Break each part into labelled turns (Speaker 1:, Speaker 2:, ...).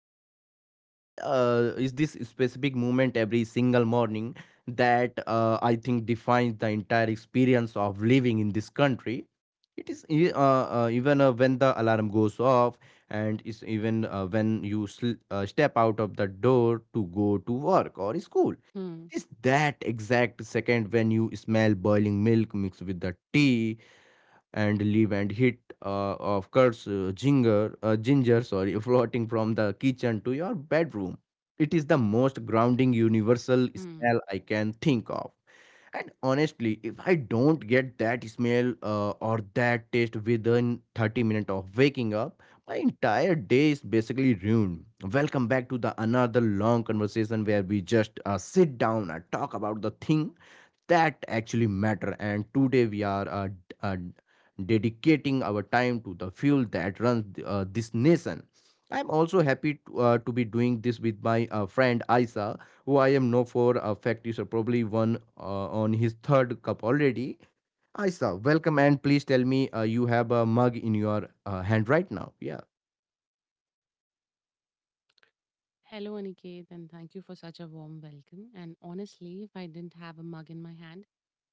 Speaker 1: There is this specific moment every single morning that I think defines the entire experience of living in this country. It is even when the alarm goes off, and it's even when you step out of the door to go to work or school. It is that
Speaker 2: Hmm.
Speaker 1: exact second when you smell boiling milk mixed with the tea and leave and hit of course ginger sorry, floating from the kitchen to your bedroom. It is the most grounding universal smell I
Speaker 2: Hmm.
Speaker 1: can think of. And honestly, if I don't get that smell or that taste within 30 minutes of waking up, my entire day is basically ruined. Welcome back to the another long conversation where we just sit down and talk about the thing that actually matter. And today we are dedicating our time to the fuel that runs this nation. I'm also happy to be doing this with my friend Isa, who I am know for a fact is probably one on his third cup already. Isa, welcome, and please tell me you have a mug in your hand right now. Yeah.
Speaker 2: Hello, Aniket, and thank you for such a warm welcome. And honestly, if I didn't have a mug in my hand,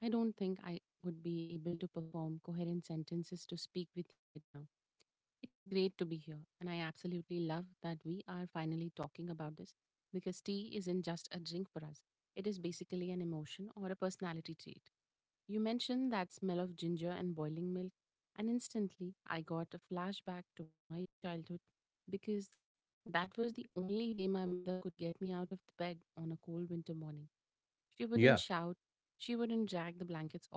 Speaker 2: I don't think I would be able to perform coherent sentences to speak with you right now. It is great to be here, and I absolutely love that we are finally talking about this because tea isn't just a drink for us, it is basically an emotion or a personality trait. You mentioned that smell of ginger and boiling milk, and instantly I got a flashback to my childhood because that was the only way my mother could get me out of the bed on a cold winter morning. She wouldn't shout,
Speaker 1: Yeah.
Speaker 2: she wouldn't drag the blankets off,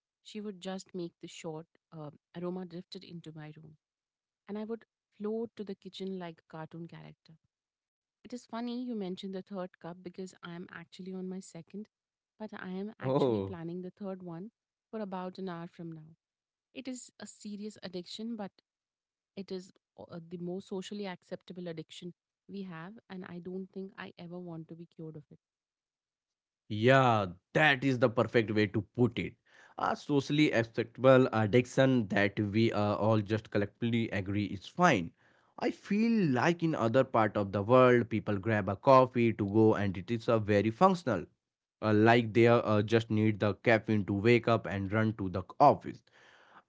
Speaker 2: she would just make the short uh, aroma drifted into my room, and I would float to the kitchen like a cartoon character. It is funny you mentioned the third cup because I am actually on my second, but I am actually
Speaker 1: Oh.
Speaker 2: planning the third one for about an hour from now. It is a serious addiction, but it is the most socially acceptable addiction we have, and I don't think I ever want to be cured of it.
Speaker 1: Yeah, that is the perfect way to put it. A socially acceptable addiction that we all just collectively agree is fine. I feel like in other part of the world, people grab a coffee to go, and it is a very functional. Like they just need the caffeine to wake up and run to the office.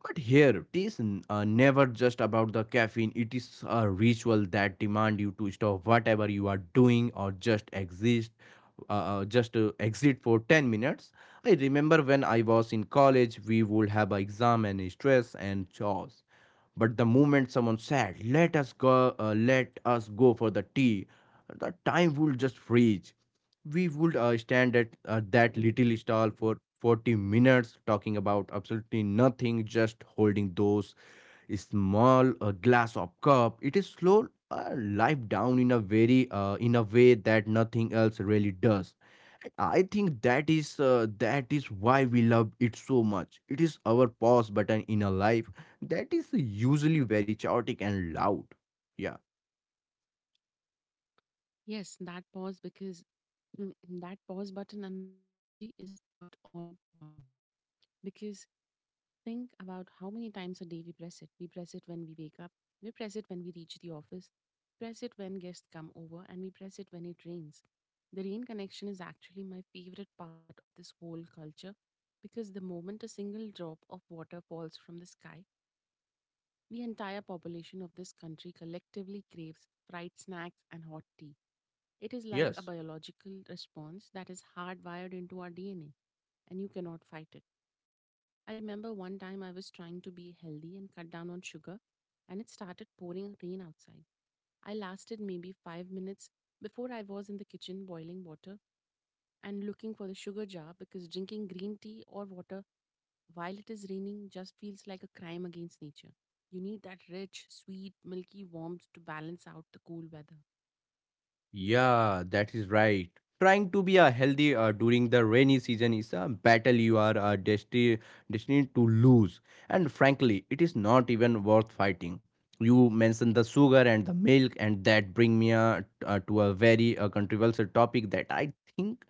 Speaker 1: But here, it is never just about the caffeine. It is a ritual that demand you to stop whatever you are doing or just exist, just exit for 10 minutes. I remember when I was in college, we would have a exam and stress and chores. But the moment someone said, let us go for the tea," the time would just freeze. We would stand at that little stall for 40 minutes talking about absolutely nothing, just holding those small a glass of cup. It is slow life down in a very in a way that nothing else really does. And I think that is why we love it so much. It is our pause button in a life that is usually very chaotic and loud. Yeah.
Speaker 2: Yes, Mm, that pause button analogy is spot on point because think about how many times a day we press it. We press it when we wake up, we press it when we reach the office, press it when guests come over, and we press it when it rains. The rain connection is actually my favorite part of this whole culture because the moment a single drop of water falls from the sky, the entire population of this country collectively craves fried snacks and hot tea. It is like a
Speaker 1: Yes.
Speaker 2: biological response that is hardwired into our DNA, and you cannot fight it. I remember one time I was trying to be healthy and cut down on sugar, and it started pouring rain outside. I lasted maybe 5 minutes before I was in the kitchen boiling water and looking for the sugar jar because drinking green tea or water while it is raining just feels like a crime against nature. You need that rich, sweet, milky warmth to balance out the cool weather.
Speaker 1: Yeah, that is right. Trying to be healthy during the rainy season is a battle you are destined to lose. And frankly, it is not even worth fighting. You mentioned the sugar and the milk, and that bring me to a very controversial topic that I think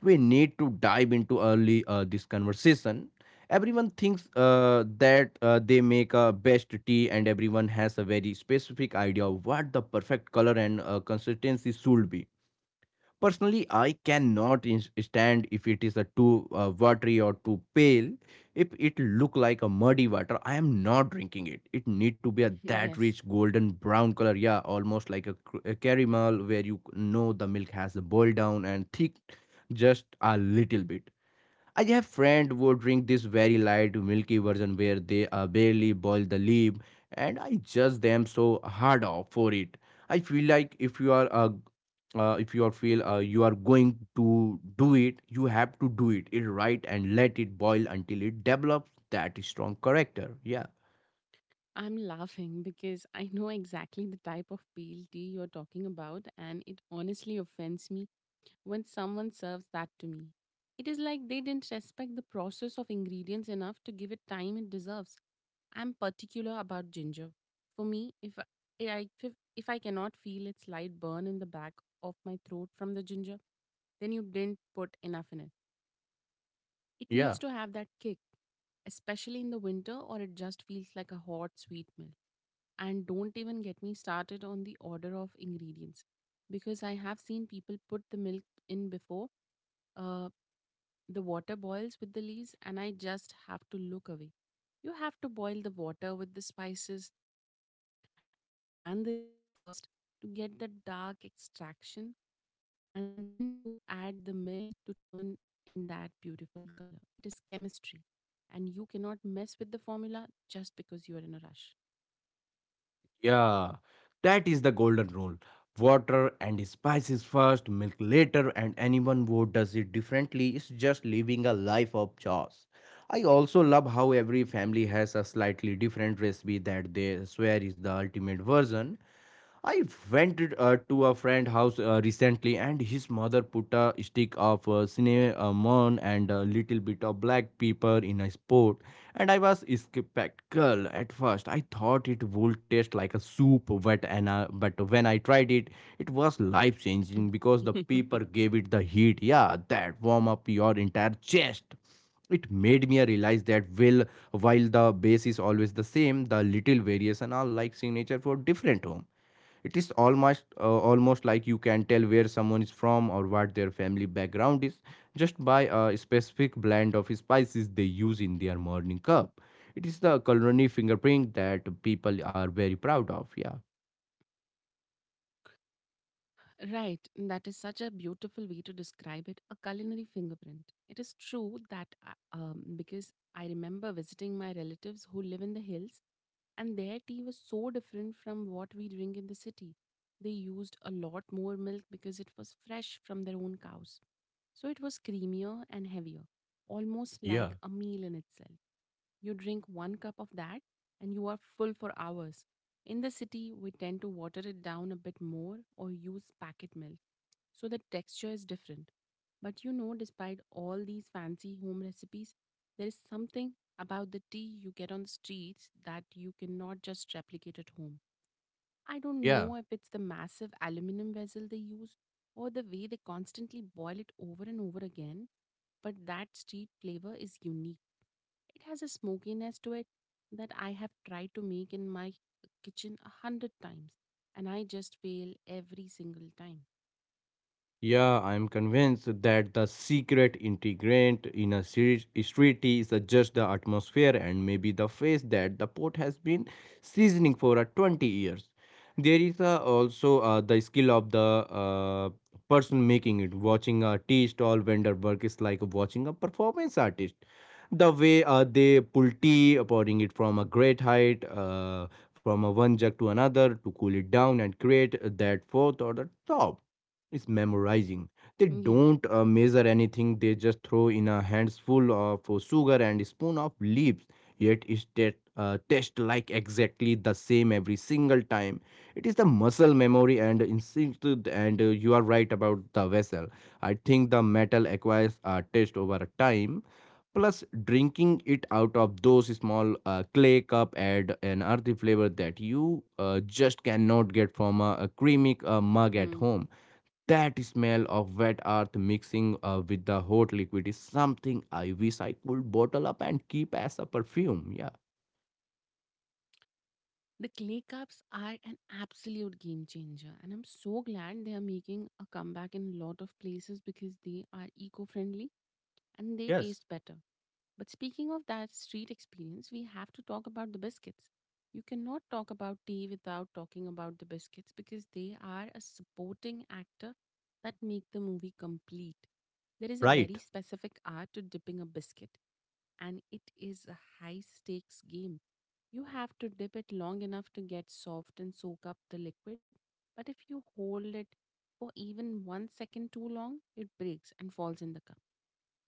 Speaker 1: we need to dive into early this conversation. Everyone thinks that they make a best tea, and everyone has a very specific idea of what the perfect color and consistency should be. Personally, I cannot stand if it is a too watery or too pale. If it look like a muddy water, I am not drinking it. It need to be a that rich
Speaker 2: Yes,
Speaker 1: golden brown color, yeah, almost like a caramel where you know the milk has boiled down and thick just a little bit. I have friend who drink this very light milky version where they barely boil the leaf, and I judge them so hard off for it. I feel like if you are feel you are going to do it, you have to do it, it right and let it boil until it develops that strong character. Yeah,
Speaker 2: I'm laughing because I know exactly the type of pale tea you're talking about, and it honestly offends me when someone serves that to me. It is like they didn't respect the process of ingredients enough to give it time it deserves. I'm particular about ginger. For me, if I cannot feel its light burn in the back of my throat from the ginger, then you didn't put enough in it. It
Speaker 1: yeah.
Speaker 2: needs to have that kick, especially in the winter, or it just feels like a hot sweet meal. And don't even get me started on the order of ingredients because I have seen people put the milk in before uh, the water boils with the leaves, and I just have to look away. You have to boil the water with the spices and the leaves first to get the dark extraction, and then you add the milk to turn in that beautiful color. It is chemistry, and you cannot mess with the formula just because you are in a rush.
Speaker 1: Yeah, that is the golden rule. Water and spices first, milk later, and anyone who does it differently is just living a life of chores. I also love how every family has a slightly different recipe that they swear is the ultimate version. I went to a friend's house recently, and his mother put a stick of cinnamon and a little bit of black pepper in a pot, and I was skeptical at first. I thought it would taste like a soup, but when I tried it, it was life changing because the pepper gave it the heat. Yeah, that warm up your entire chest. It made me realize that, well, while the base is always the same, the little variation are like signature for different home. It is almost almost like you can tell where someone is from or what their family background is just by a specific blend of spices they use in their morning cup. It is the culinary fingerprint that people are very proud of. Yeah.
Speaker 2: Right, that is such a beautiful way to describe it a culinary fingerprint. It is true that because I remember visiting my relatives who live in the hills, and their tea was so different from what we drink in the city. They used a lot more milk because it was fresh from their own cows. So it was creamier and heavier, almost
Speaker 1: Yeah.
Speaker 2: like a meal in itself. You drink one cup of that and you are full for hours. In the city, we tend to water it down a bit more or use packet milk, so the texture is different. But you know, despite all these fancy home recipes, there is something about the tea you get on the streets that you cannot just replicate at home. I don't
Speaker 1: Yeah.
Speaker 2: know if it's the massive aluminum vessel they use or the way they constantly boil it over and over again, but that street flavor is unique. It has a smokiness to it that I have tried to make in my kitchen a hundred times, and I just fail every single time.
Speaker 1: Yeah, I am convinced that the secret ingredient in a street tea is just the atmosphere and maybe the face that the pot has been seasoning for 20 years. There is also the skill of the person making it. Watching a tea stall vendor work is like watching a performance artist. The way they pull tea, pouring it from a great height, from a one jug to another to cool it down and create that fourth or the top, it's memorizing. They
Speaker 2: Yeah.
Speaker 1: don't measure anything. They just throw in a handful of sugar and a spoon of leaves. Yet it tastes like exactly the same every single time. It is the muscle memory and instinct. And you are right about the vessel. I think the metal acquires a taste over a time. Plus, drinking it out of those small clay cup add an earthy flavor that you just cannot get from a creamy
Speaker 2: Hmm.
Speaker 1: mug at home. That smell of wet earth mixing with the hot liquid is something I wish I could bottle up and keep as a perfume. Yeah.
Speaker 2: The clay cups are an absolute game changer, and I'm so glad they are making a comeback in a lot of places because they are eco friendly and they
Speaker 1: Yes.
Speaker 2: taste better. But speaking of that street experience, we have to talk about the biscuits. You cannot talk about tea without talking about the biscuits because they are a supporting actor that make the movie complete. There is a very
Speaker 1: Right.
Speaker 2: specific art to dipping a biscuit and it is a high stakes game. You have to dip it long enough to get soft and soak up the liquid, but if you hold it for even 1 second too long, it breaks and falls in the cup.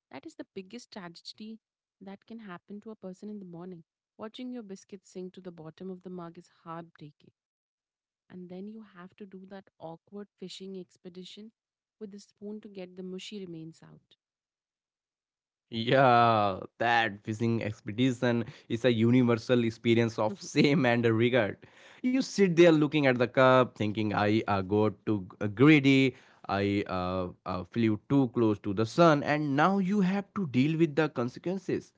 Speaker 2: That is the biggest tragedy that can happen to a person in the morning. Watching your biscuit sink to the bottom of the mug is heartbreaking. And then you have to do that awkward fishing expedition with the spoon to get the mushy remains out.
Speaker 1: Yeah, that fishing expedition is a universal experience of shame and regret. You sit there looking at the cup, thinking, I got too greedy, I flew too close to the sun, and now you have to deal with the consequences.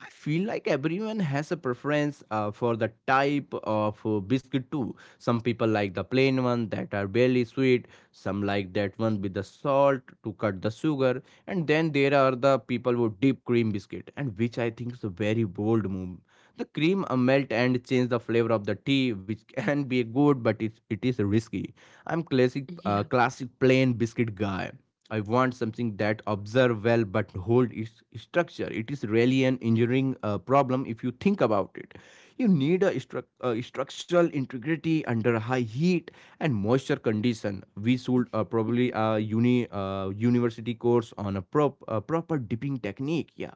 Speaker 1: I feel like everyone has a preference for the type of biscuit too. Some people like the plain one that are barely sweet, some like that one with the salt to cut the sugar, and then there are the people who dip cream biscuit, and which I think is a very bold move. The cream melt and change the flavor of the tea, which can be good, it is risky. I'm
Speaker 2: Yeah.
Speaker 1: classic plain biscuit guy. I want something that observe well but hold its structure. It is really an engineering problem if you think about it. You need a structural integrity under high heat and moisture condition. We should probably university course on a proper dipping technique. Yeah.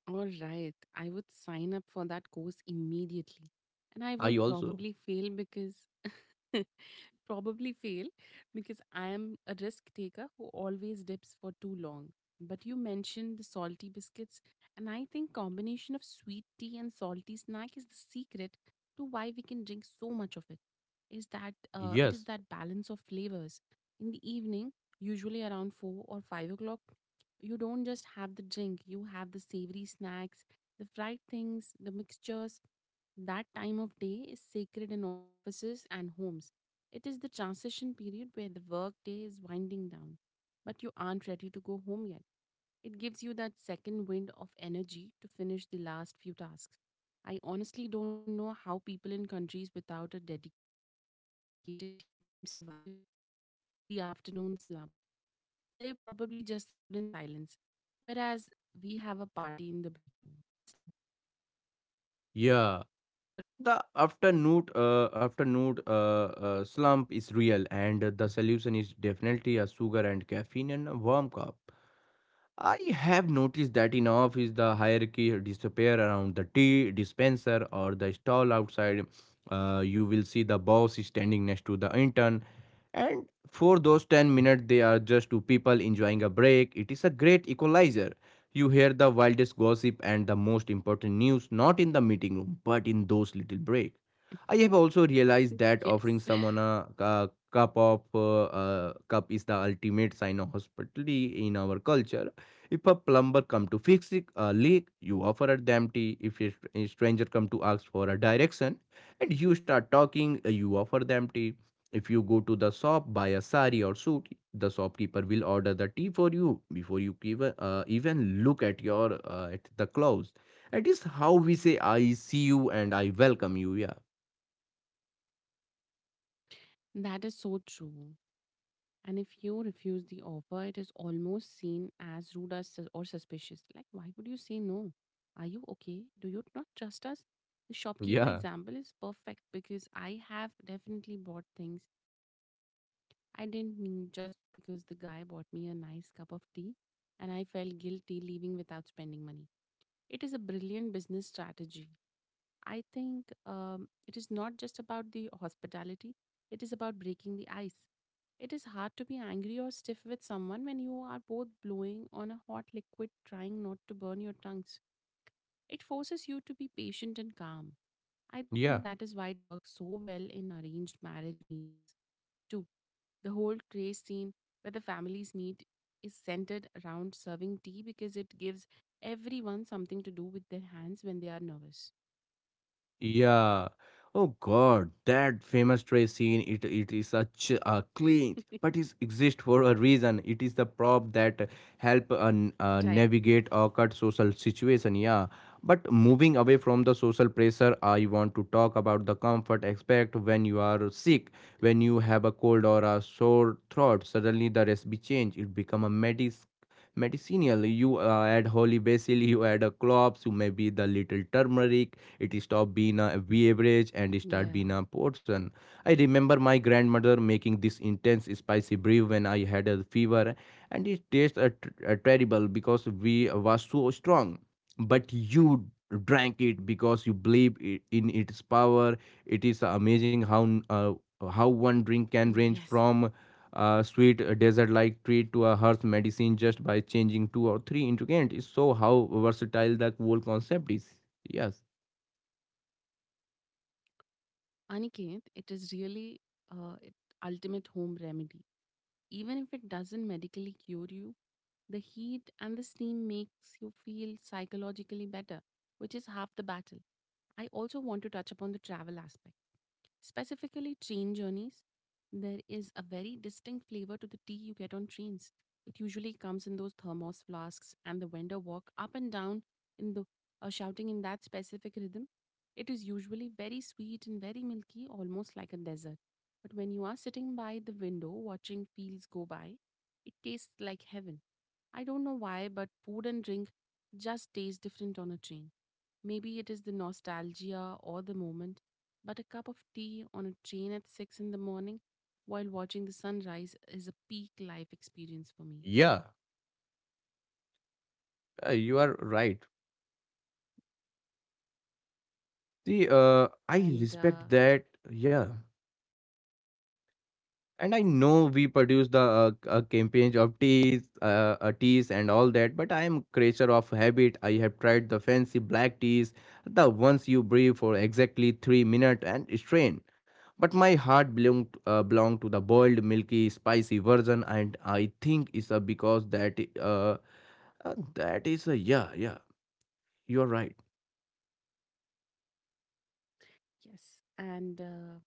Speaker 2: All right, I would sign up for that course immediately. And I
Speaker 1: I
Speaker 2: would
Speaker 1: also.
Speaker 2: probably fail because probably fail because I am a risk taker who always dips for too long. But you mentioned the salty biscuits and I think combination of sweet tea and salty snack is the secret to why we can drink so much of it. Is that It is
Speaker 1: Yes.
Speaker 2: that balance of flavors. In the evening, usually around 4 or 5 o'clock, you don't just have the drink. You have the savory snacks, the fried things, the mixtures. That time of day is sacred in offices and homes. It is the transition period where the work day is winding down, but you aren't ready to go home yet it gives you that second wind of energy to finish the last few tasks. I honestly don't know how people in countries without a dedicated tea time survive the afternoon slump. They probably just suffer in silence, whereas we have a party in the break room.
Speaker 1: Yeah. The afternoon afternoon slump is real, and the solution is definitely a sugar and caffeine and a warm cup. I have noticed that in office the hierarchy disappear around the tea dispenser or the stall outside. You will see the boss standing next to the intern. And for those 10 minutes, they are just two people enjoying a break. It is a great equalizer. You hear the wildest gossip and the most important news not in the meeting room, but in those little breaks. I have also realized that
Speaker 2: Yes.
Speaker 1: offering someone cup of cup is the ultimate sign of hospitality in our culture. If a plumber come to fix a leak, you offer them tea. If a a stranger come to ask for a direction, and you start talking, you offer them tea. If you go to the shop buy a sari or suit, the shopkeeper will order the tea for you before you even look at your at the clothes. It is how we say I see you and I welcome you. Yeah.
Speaker 2: That is so true. And if you refuse the offer, it is almost seen as rude or, or suspicious. Like, why would you say no? Are you okay? Do you not trust us?
Speaker 1: Yeah,
Speaker 2: The shopkeeper example is perfect because I have definitely bought things I didn't need just because the guy bought me a nice cup of tea and I felt guilty leaving without spending money. It is a brilliant business strategy. I think it is not just about the hospitality, it is about breaking the ice. It is hard to be angry or stiff with someone when you are both blowing on a hot liquid trying not to burn your tongues. It forces you to be patient and calm. I think
Speaker 1: yeah.
Speaker 2: that is why it works so well in arranged marriage meetings, too. The whole craze scene where the families meet is centered around serving tea because it gives everyone something to do with their hands when they are nervous.
Speaker 1: Yeah. Oh God, that famous tray scene. It is such a clinch, but it exists for a reason. It is the prop that help
Speaker 2: Right.
Speaker 1: navigate awkward social situation. Yeah. But moving away from the social pressure, I want to talk about the comfort aspect when you are sick, when you have a cold or a sore throat. Suddenly the recipe change. It become a medis medicinal. You add holy basil, you add a cloves, you maybe the little turmeric. It stopped being a beverage and started
Speaker 2: Yeah.
Speaker 1: being a portion. I remember my grandmother making this intense spicy brew when I had a fever, and it tasted terrible because we was so strong. But you drank it because you believe in its power. It is amazing how one drink
Speaker 2: Yes.
Speaker 1: can range from a sweet desert-like treat to a hearth medicine just by changing two or three ingredients. It's so how versatile the whole concept is. Yes.
Speaker 2: Aniket, it is really it ultimate home remedy. Even if it doesn't medically cure you, the heat and the steam makes you feel psychologically better, which is half the battle. I also want to touch upon the travel aspect. Specifically, train journeys, there is a very distinct flavor to the tea you get on trains. It usually comes in those thermos flasks, and the vendor walk up and down in the shouting in that specific rhythm. It is usually very sweet and very milky, almost like a dessert. But when you are sitting by the window watching fields go by, it tastes like heaven. I don't know why, but food and drink just taste different on a train. Maybe it is the nostalgia or the moment, but a cup of tea on a train at 6 in the morning while watching the sunrise is a peak life experience for me.
Speaker 1: Yeah, you are right. See, I
Speaker 2: And
Speaker 1: respect that. Yeah, and I know we produce the campaigns of teas, teas and all that. But I am creature of habit. I have tried the fancy black teas, the ones you breathe for exactly 3 minutes and strain. But my heart belonged to the boiled, milky, spicy version, and I think it's because that that is a yeah, yeah. You are right.
Speaker 2: yes, and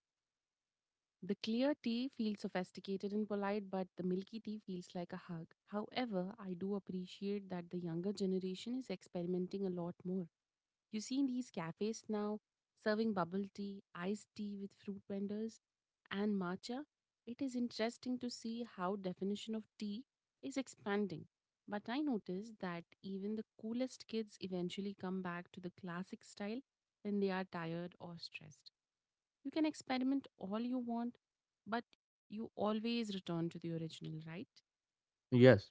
Speaker 2: the clear tea feels sophisticated and polite, but the milky tea feels like a hug. However, I do appreciate that the younger generation is experimenting a lot more. You see in these cafes now serving bubble tea, iced tea with fruit vendors, and matcha. It is interesting to see how definition of tea is expanding. But I notice that even the coolest kids eventually come back to the classic style when they are tired or stressed. You can experiment all you want, but you always return to the original, right?
Speaker 1: Yes.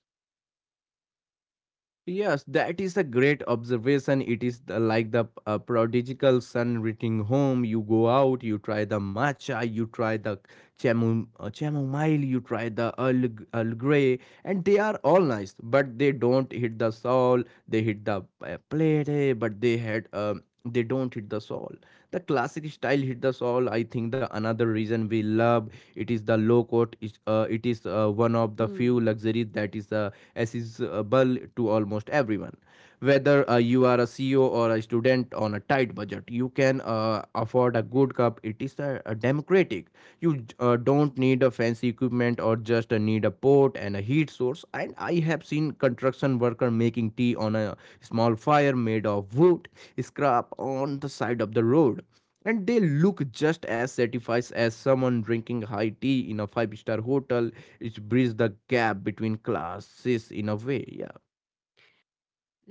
Speaker 1: Yes, that is a great observation. It is the, like the prodigal son returning home. You go out, you try the matcha, you try the chamomile, you try the Earl Grey, and they are all nice, but they don't hit the soul. They hit the plate, eh, but they don't hit the soul. The classic style hit the soul. I think the another reason we love it is the low cost. It is one of the
Speaker 2: Hmm.
Speaker 1: few luxuries that is accessible to almost everyone. Whether you are a CEO or a student on a tight budget, you can afford a good cup. It is democratic. You don't need a fancy equipment or just need a pot and a heat source. And I have seen construction worker making tea on a small fire made of wood scrap on the side of the road, and they look just as satisfied as someone drinking high tea in a five-star hotel. It bridges the gap between classes in a way. Yeah.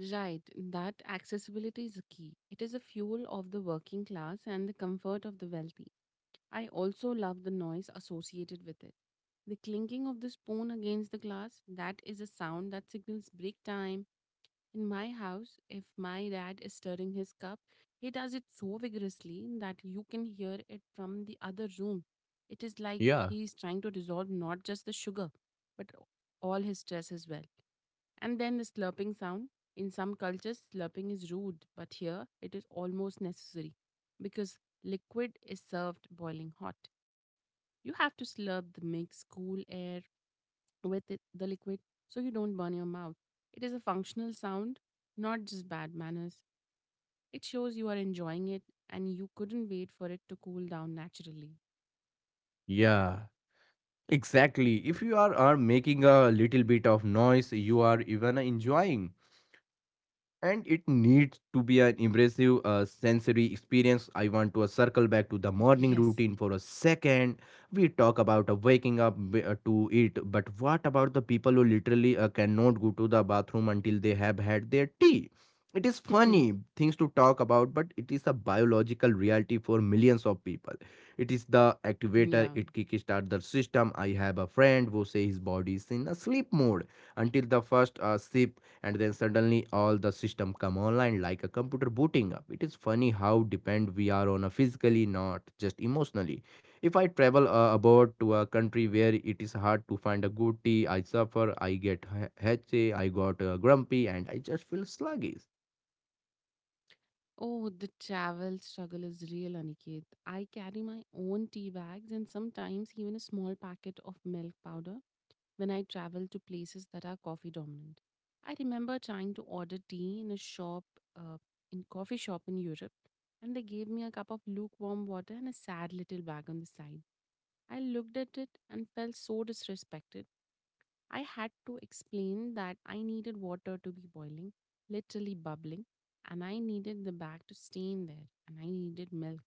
Speaker 2: Right, that accessibility is key. It is a fuel of the working class and the comfort of the wealthy. I also love the noise associated with it. The clinking of the spoon against the glass, that is a sound that signals break time. In my house, if my dad is stirring his cup, he does it so vigorously that you can hear it from the other room. It is like
Speaker 1: Yeah,
Speaker 2: he is trying to dissolve not just the sugar, but all his stress as well. And then the slurping sound. In some cultures, slurping is rude, but here it is almost necessary because liquid is served boiling hot. You have to slurp the mix cool air with it, the liquid so you don't burn your mouth. It is a functional sound, not just bad manners. It shows you are enjoying it and you couldn't wait for it to cool down naturally.
Speaker 1: yeah. Exactly, if you are making a little bit of noise you are even enjoying, and it needs to be an impressive sensory experience. I want to circle back to the morning
Speaker 2: Yes.
Speaker 1: routine for a second. We talk about waking up to eat, but what about the people who literally cannot go to the bathroom until they have had their tea? It is funny things to talk about, but it is a biological reality for millions of people. It is the activator,
Speaker 2: Yeah.
Speaker 1: it kickstart the system. I have a friend who say his body is in a sleep mode until the first sip, and then suddenly all the system come online like a computer booting up. It is funny how depend we are on a physically, not just emotionally. If I travel abroad to a country where it is hard to find a good tea, I suffer, I get headache, I got grumpy, and I just feel sluggish.
Speaker 2: Oh, the travel struggle is real, Aniket. I carry my own tea bags and sometimes even a small packet of milk powder when I travel to places that are coffee dominant. I remember trying to order tea in a shop, uh, in coffee shop in Europe, and they gave me a cup of lukewarm water and a sad little bag on the side. I looked at it and felt so disrespected. I had to explain that I needed water to be boiling, literally bubbling, and I needed the bag to stay in there, and I needed milk.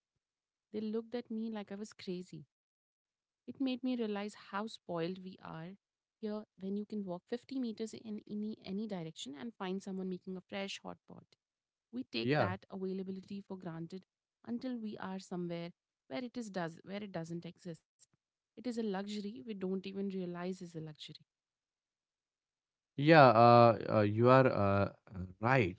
Speaker 2: They looked at me like I was crazy. It made me realize how spoiled we are here when you can walk 50 meters in any direction and find someone making a fresh hot pot. We take
Speaker 1: Yeah.
Speaker 2: that availability for granted until we are somewhere where it is does where it doesn't exist. It is a luxury we don't even realize is a luxury.
Speaker 1: Yeah, you are right.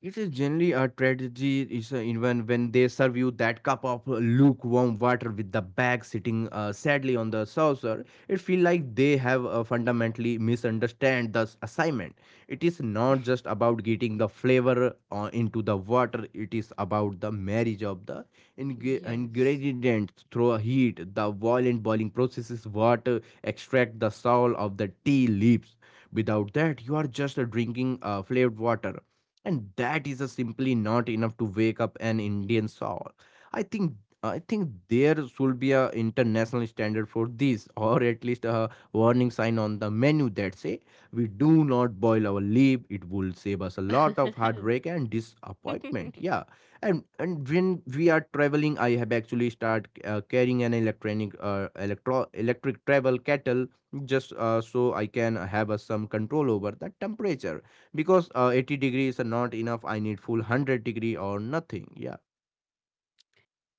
Speaker 1: It is generally a tragedy is in when they serve you that cup of lukewarm water with the bag sitting sadly on the saucer. It feels like they have fundamentally misunderstand the assignment. It is not just about getting the flavor into the water. It is about the marriage of the
Speaker 2: Yes.
Speaker 1: ingredients through heat. The violent boiling processes water extract the soul of the tea leaves. Without that, you are just drinking flavored water, and that is simply not enough to wake up an indian soul. I think I think there should be a international standard for this or at least a warning sign on the menu that say we do not boil our leaf. It will save us a lot of heartbreak and disappointment. Yeah. And when we are traveling I have actually start carrying an electronic electro electric travel kettle, just so I can have some control over the temperature, because 80 degree is not enough, I need full 100 degree or nothing. Yeah.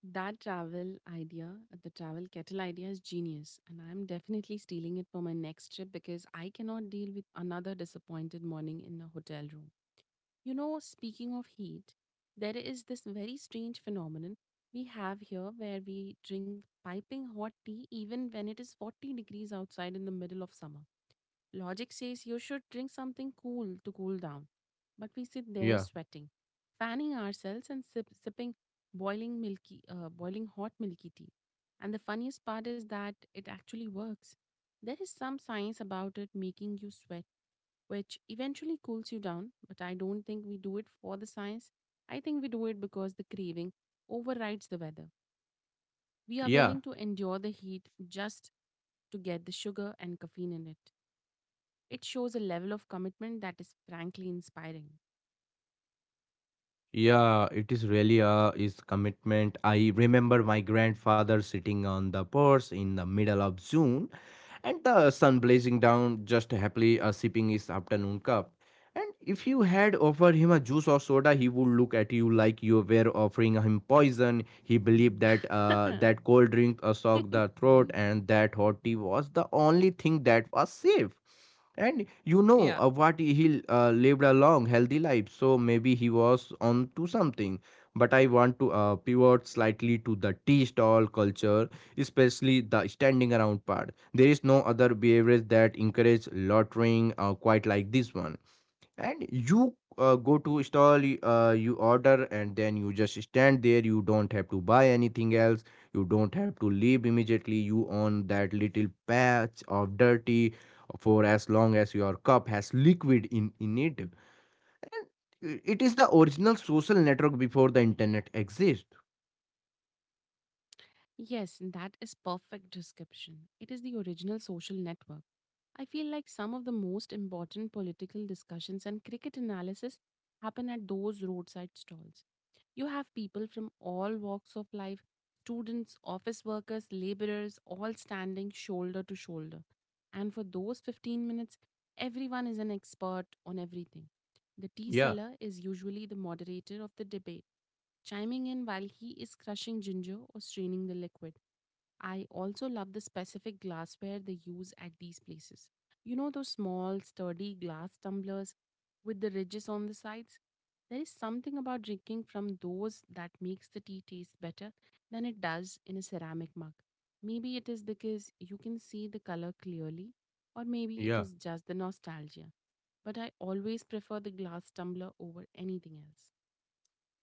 Speaker 2: That travel idea, the travel kettle idea is genius. And I'm definitely stealing it for my next trip because I cannot deal with another disappointed morning in a hotel room. You know, speaking of heat, there is this very strange phenomenon we have here where we drink piping hot tea even when it is 40 degrees outside in the middle of summer. Logic says you should drink something cool to cool down, but we sit there
Speaker 1: Yeah,
Speaker 2: sweating, fanning ourselves and sipping boiling hot milky tea. And the funniest part is that it actually works. There is some science about it making you sweat, which eventually cools you down. But I don't think we do it for the science. I think we do it because the craving overrides the weather. We are
Speaker 1: yeah,
Speaker 2: willing to endure the heat just to get the sugar and caffeine in it. It shows a level of commitment that is frankly inspiring.
Speaker 1: yeah. It is really a is commitment. I remember my grandfather sitting on the porch in the middle of June, and the sun blazing down, just happily sipping his afternoon cup. And if you had offered him a juice or soda, he would look at you like you were offering him poison. He believed that that cold drink soaked the throat, and that hot tea was the only thing that was safe. And you
Speaker 2: Yeah.
Speaker 1: know what, he lived a long, healthy life, so maybe he was on to something. But I want to pivot slightly to the tea stall culture, especially the standing around part. There is no other beverage that encourages loitering quite like this one, and you go to stall, you order and then you just stand there, you don't have to buy anything else, you don't have to leave immediately, you own that little patch of dirty for as long as your cup has liquid in it, and it is the original social network before the internet exists.
Speaker 2: Yes, that is perfect description. It is the original social network. I feel like some of the most important political discussions and cricket analysis happen at those roadside stalls. You have people from all walks of life: students, office workers, laborers, all standing shoulder to shoulder. And for those 15 minutes, everyone is an expert on everything. The tea
Speaker 1: Yeah,
Speaker 2: seller is usually the moderator of the debate, chiming in while he is crushing ginger or straining the liquid. I also love the specific glassware they use at these places. You know those small, sturdy glass tumblers with the ridges on the sides? There is something about drinking from those that makes the tea taste better than it does in a ceramic mug. Maybe it is because you can see the color clearly, or maybe it
Speaker 1: yeah.
Speaker 2: is just the nostalgia. But I always prefer the glass tumbler over anything else.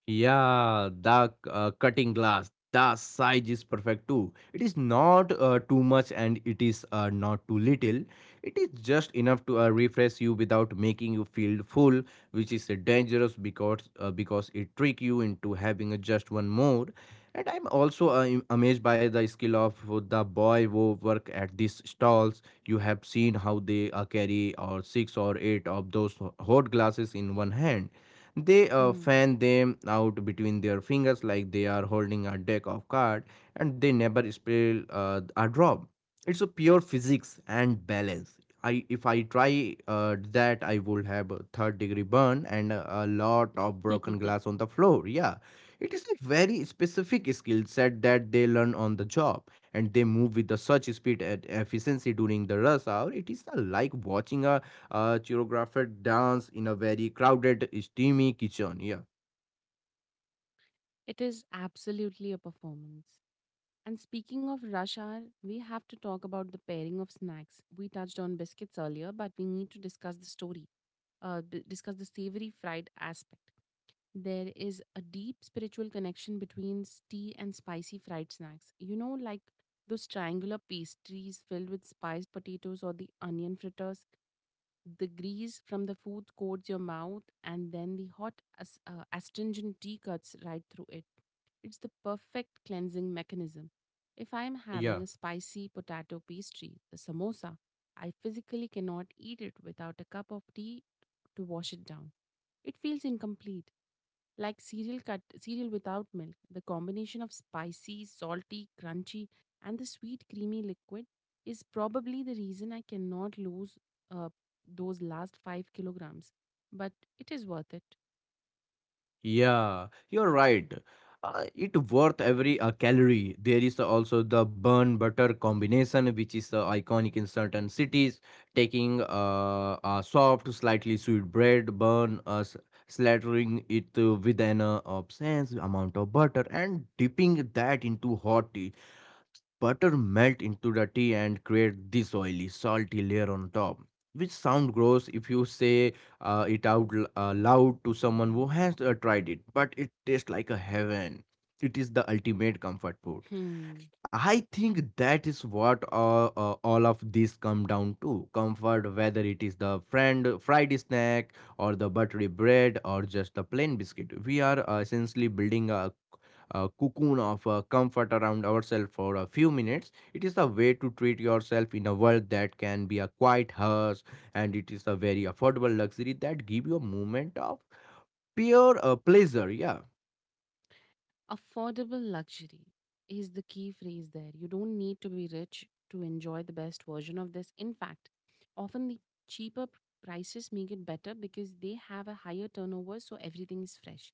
Speaker 1: Yeah, the cutting glass, the size is perfect too. It is not too much and it is not too little. It is just enough to refresh you without making you feel full, which is dangerous because it trick you into having just one more. And I'm also amazed by the skill of the boy who work at these stalls. You have seen how they carry or six or eight of those hot glasses in one hand, they
Speaker 2: Hmm.
Speaker 1: fan them out between their fingers like they are holding a deck of cards, and they never spill a drop. It's a pure physics and balance. I, if I try that, I would have a third degree burn and a lot of broken glass on the floor. Yeah, it is a very specific skill set that they learn on the job, and they move with the such speed and efficiency during the rush hour. It is like watching a choreographed dance in a very crowded, steamy kitchen. Yeah.
Speaker 2: It is absolutely a performance. And speaking of rush hour, we have to talk about the pairing of snacks. We touched on biscuits earlier, but we need to discuss the savory fried aspect. There is a deep spiritual connection between tea and spicy fried snacks. You know, like those triangular pastries filled with spiced potatoes or the onion fritters. The grease from the food coats your mouth, and then the astringent tea cuts right through it. It's the perfect cleansing mechanism. If I am
Speaker 1: yeah,
Speaker 2: having a spicy potato pastry, the samosa, I physically cannot eat it without a cup of tea to wash it down. It feels incomplete. Like cereal without milk, the combination of spicy, salty, crunchy, and the sweet creamy liquid is probably the reason I cannot lose uh, those last 5 kilograms. But it is worth it.
Speaker 1: yeah. You're right. It worth every calorie. There is also the bun butter combination, which is iconic in certain cities. Taking a soft, slightly sweet bread bun, slathering it with an obscene amount of butter, and dipping that into hot tea. Butter melt into the tea and create this oily, salty layer on top, which sound gross if you say it out loud to someone who has tried it, but it tastes like a heaven. It is the ultimate comfort food.
Speaker 2: Hmm.
Speaker 1: I think that is what all of this come down to comfort, whether it is the friend fried snack or the buttery bread or just the plain biscuit. We are essentially building a cocoon of comfort around ourselves for a few minutes. It is a way to treat yourself in a world that can be a quiet hearse, and it is a very affordable luxury that give you a moment of pure pleasure. Yeah.
Speaker 2: Affordable luxury is the key phrase there. You don't need to be rich to enjoy the best version of this. In fact, often the cheaper p- prices make it better because they have a higher turnover, so everything is fresh.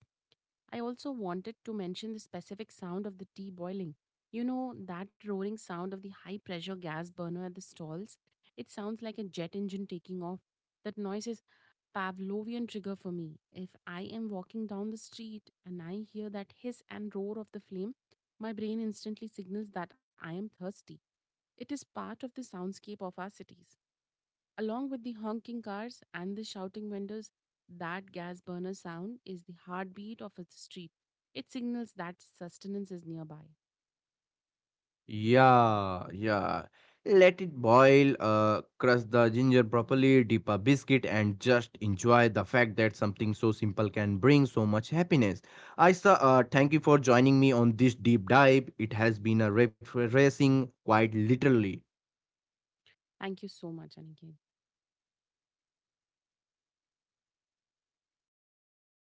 Speaker 2: I also wanted to mention the specific sound of the tea boiling. You know, that roaring sound of the high pressure gas burner at the stalls? It sounds like a jet engine taking off. That noise is Pavlovian trigger for me. If I am walking down the street and I hear that hiss and roar of the flame, my brain instantly signals that I am thirsty. It is part of the soundscape of our cities. Along with the honking cars and the shouting vendors, that gas burner sound is the heartbeat of a street. It signals that sustenance is nearby.
Speaker 1: Yeah, yeah. Let it boil, crush the ginger properly, dip a biscuit, and just enjoy the fact that something so simple can bring so much happiness. Aisa, thank you for joining me on this deep dive. It has been a refreshing, quite literally.
Speaker 2: Thank you so much, Aniket.